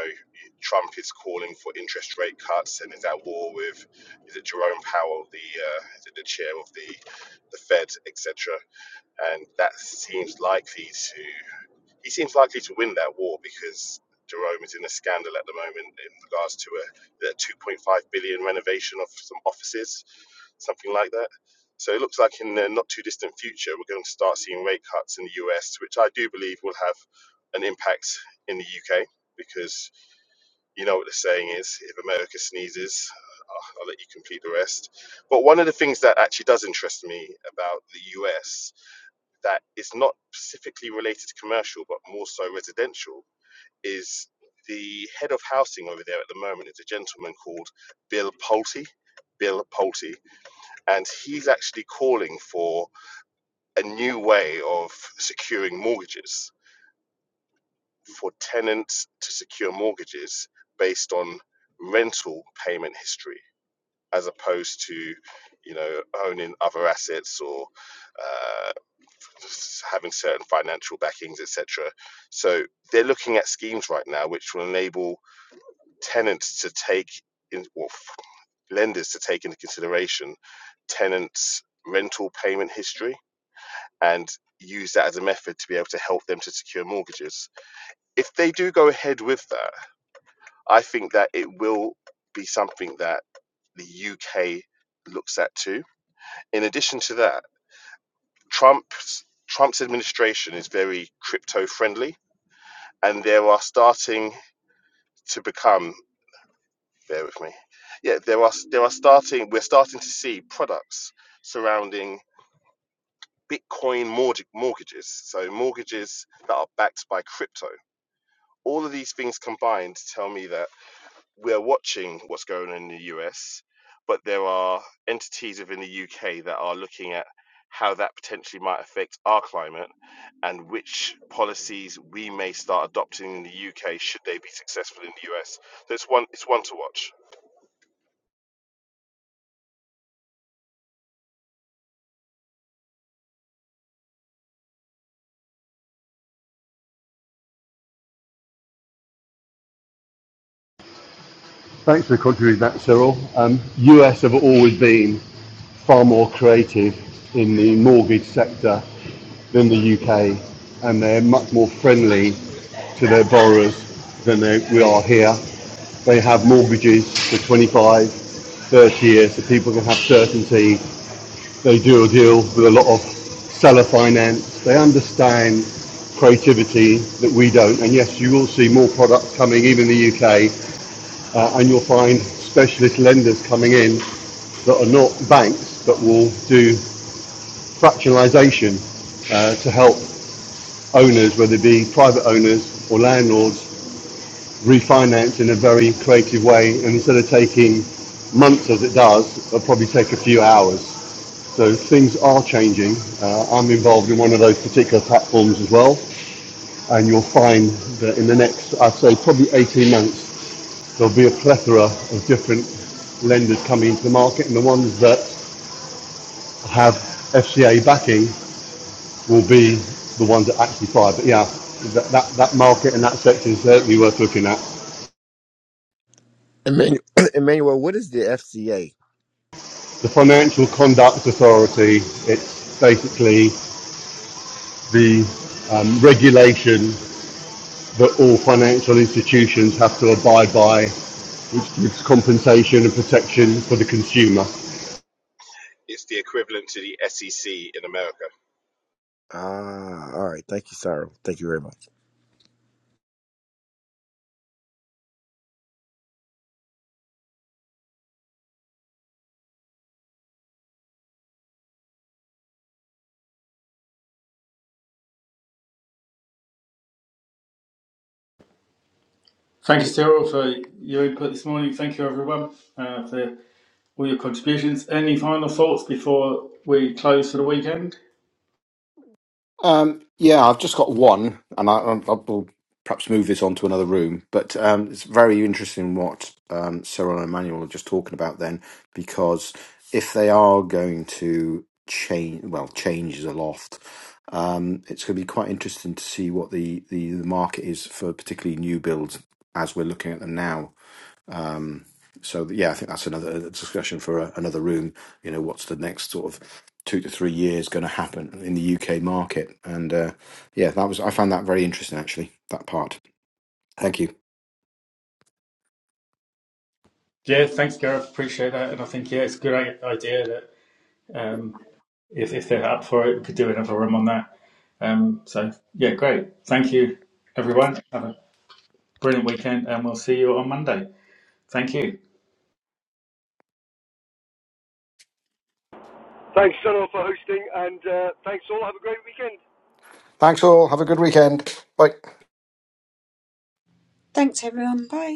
Trump is calling for interest rate cuts and is at war with is it Jerome Powell, the uh, is it the chair of the the Fed, etc and that seems likely to he seems likely to win that war because Jerome is in a scandal at the moment in regards to a, a 2.5 billion renovation of some offices, something like that. So it looks like in the not too distant future, we're going to start seeing rate cuts in the US, which I do believe will have an impact in the UK because you know what the saying is if America sneezes, I'll I'll let you complete the rest. But one of the things that actually does interest me about the US that is not specifically related to commercial, but more so residential, is the head of housing over there at the moment is a gentleman called Bill Pulte. Bill Pulte, and he's actually calling for a new way of securing mortgages for tenants to secure mortgages based on rental payment history, as opposed to, you know, owning other assets or uh, having certain financial backings, etc. So they're looking at schemes right now which will enable tenants to take in, or lenders to take into consideration tenants' rental payment history and use that as a method to be able to help them to secure mortgages. If they do go ahead with that, I think that it will be something that the UK looks at too. In addition to that, Trump's Trump's administration is very crypto friendly and there are starting to become bear with me yeah there are there are starting we're starting to see products surrounding bitcoin mortgage, mortgages so mortgages that are backed by crypto all of these things combined tell me that we're watching what's going on in the US, but there are entities within the UK that are looking at how that potentially might affect our climate and which policies we may start adopting in the UK should they be successful in the US. So it's one it's one to watch.
Thanks for contributing that, Cyril. Um, US have always been far more creative in the mortgage sector than the UK, and they're much more friendly to their borrowers than they, we are here. They have mortgages for 25, 30 years, so people can have certainty. They do a deal with a lot of seller finance. They understand creativity that we don't. And yes, you will see more products coming, even in the UK, uh, and you'll find specialist lenders coming in that are not banks but will do fractionalisation uh, to help owners, whether it be private owners or landlords, refinance in a very creative way. And instead of taking months as it does, it'll probably take a few hours. So things are changing. Uh, I'm involved in one of those particular platforms as well. And you'll find that in the next, I'd say probably 18 months, there'll be a plethora of different lenders coming into the market, and the ones that have FCA backing will be the ones that actually fire. But yeah, that, that, that market and that section is certainly worth looking at.
Emmanuel, Emmanuel, what is the FCA?
The Financial Conduct Authority, it's basically the um, regulation that all financial institutions have to abide by, which gives compensation and protection for the consumer.
It's the equivalent to the SEC in America.
Ah, all right. Thank you, Cyril. Thank you very much.
Thank you, Cyril, for your input this morning. Thank you, everyone, uh, for all your contributions. Any final thoughts before we close for the weekend?
Um, yeah, I've just got one, and I, I will perhaps move this on to another room. But um, it's very interesting what um, Cyril and Emmanuel are just talking about then, because if they are going to change, well, change is aloft. Um, it's going to be quite interesting to see what the, the, the market is for particularly new builds as we're looking at them now um, so yeah, I think that's another discussion for a, another room. You know, what's the next sort of two to three years going to happen in the UK market? And uh, yeah, that was I found that very interesting actually. That part. Thank you.
Yeah, thanks, Gareth. Appreciate that. And I think, yeah, it's a good i- idea that um, if, if they're up for it, we could do another room on that. Um, so, yeah, great. Thank you, everyone. Have a brilliant weekend, and we'll see you on Monday. Thank you.
Thanks all. Have a good weekend. Bye.
Thanks, everyone. Bye.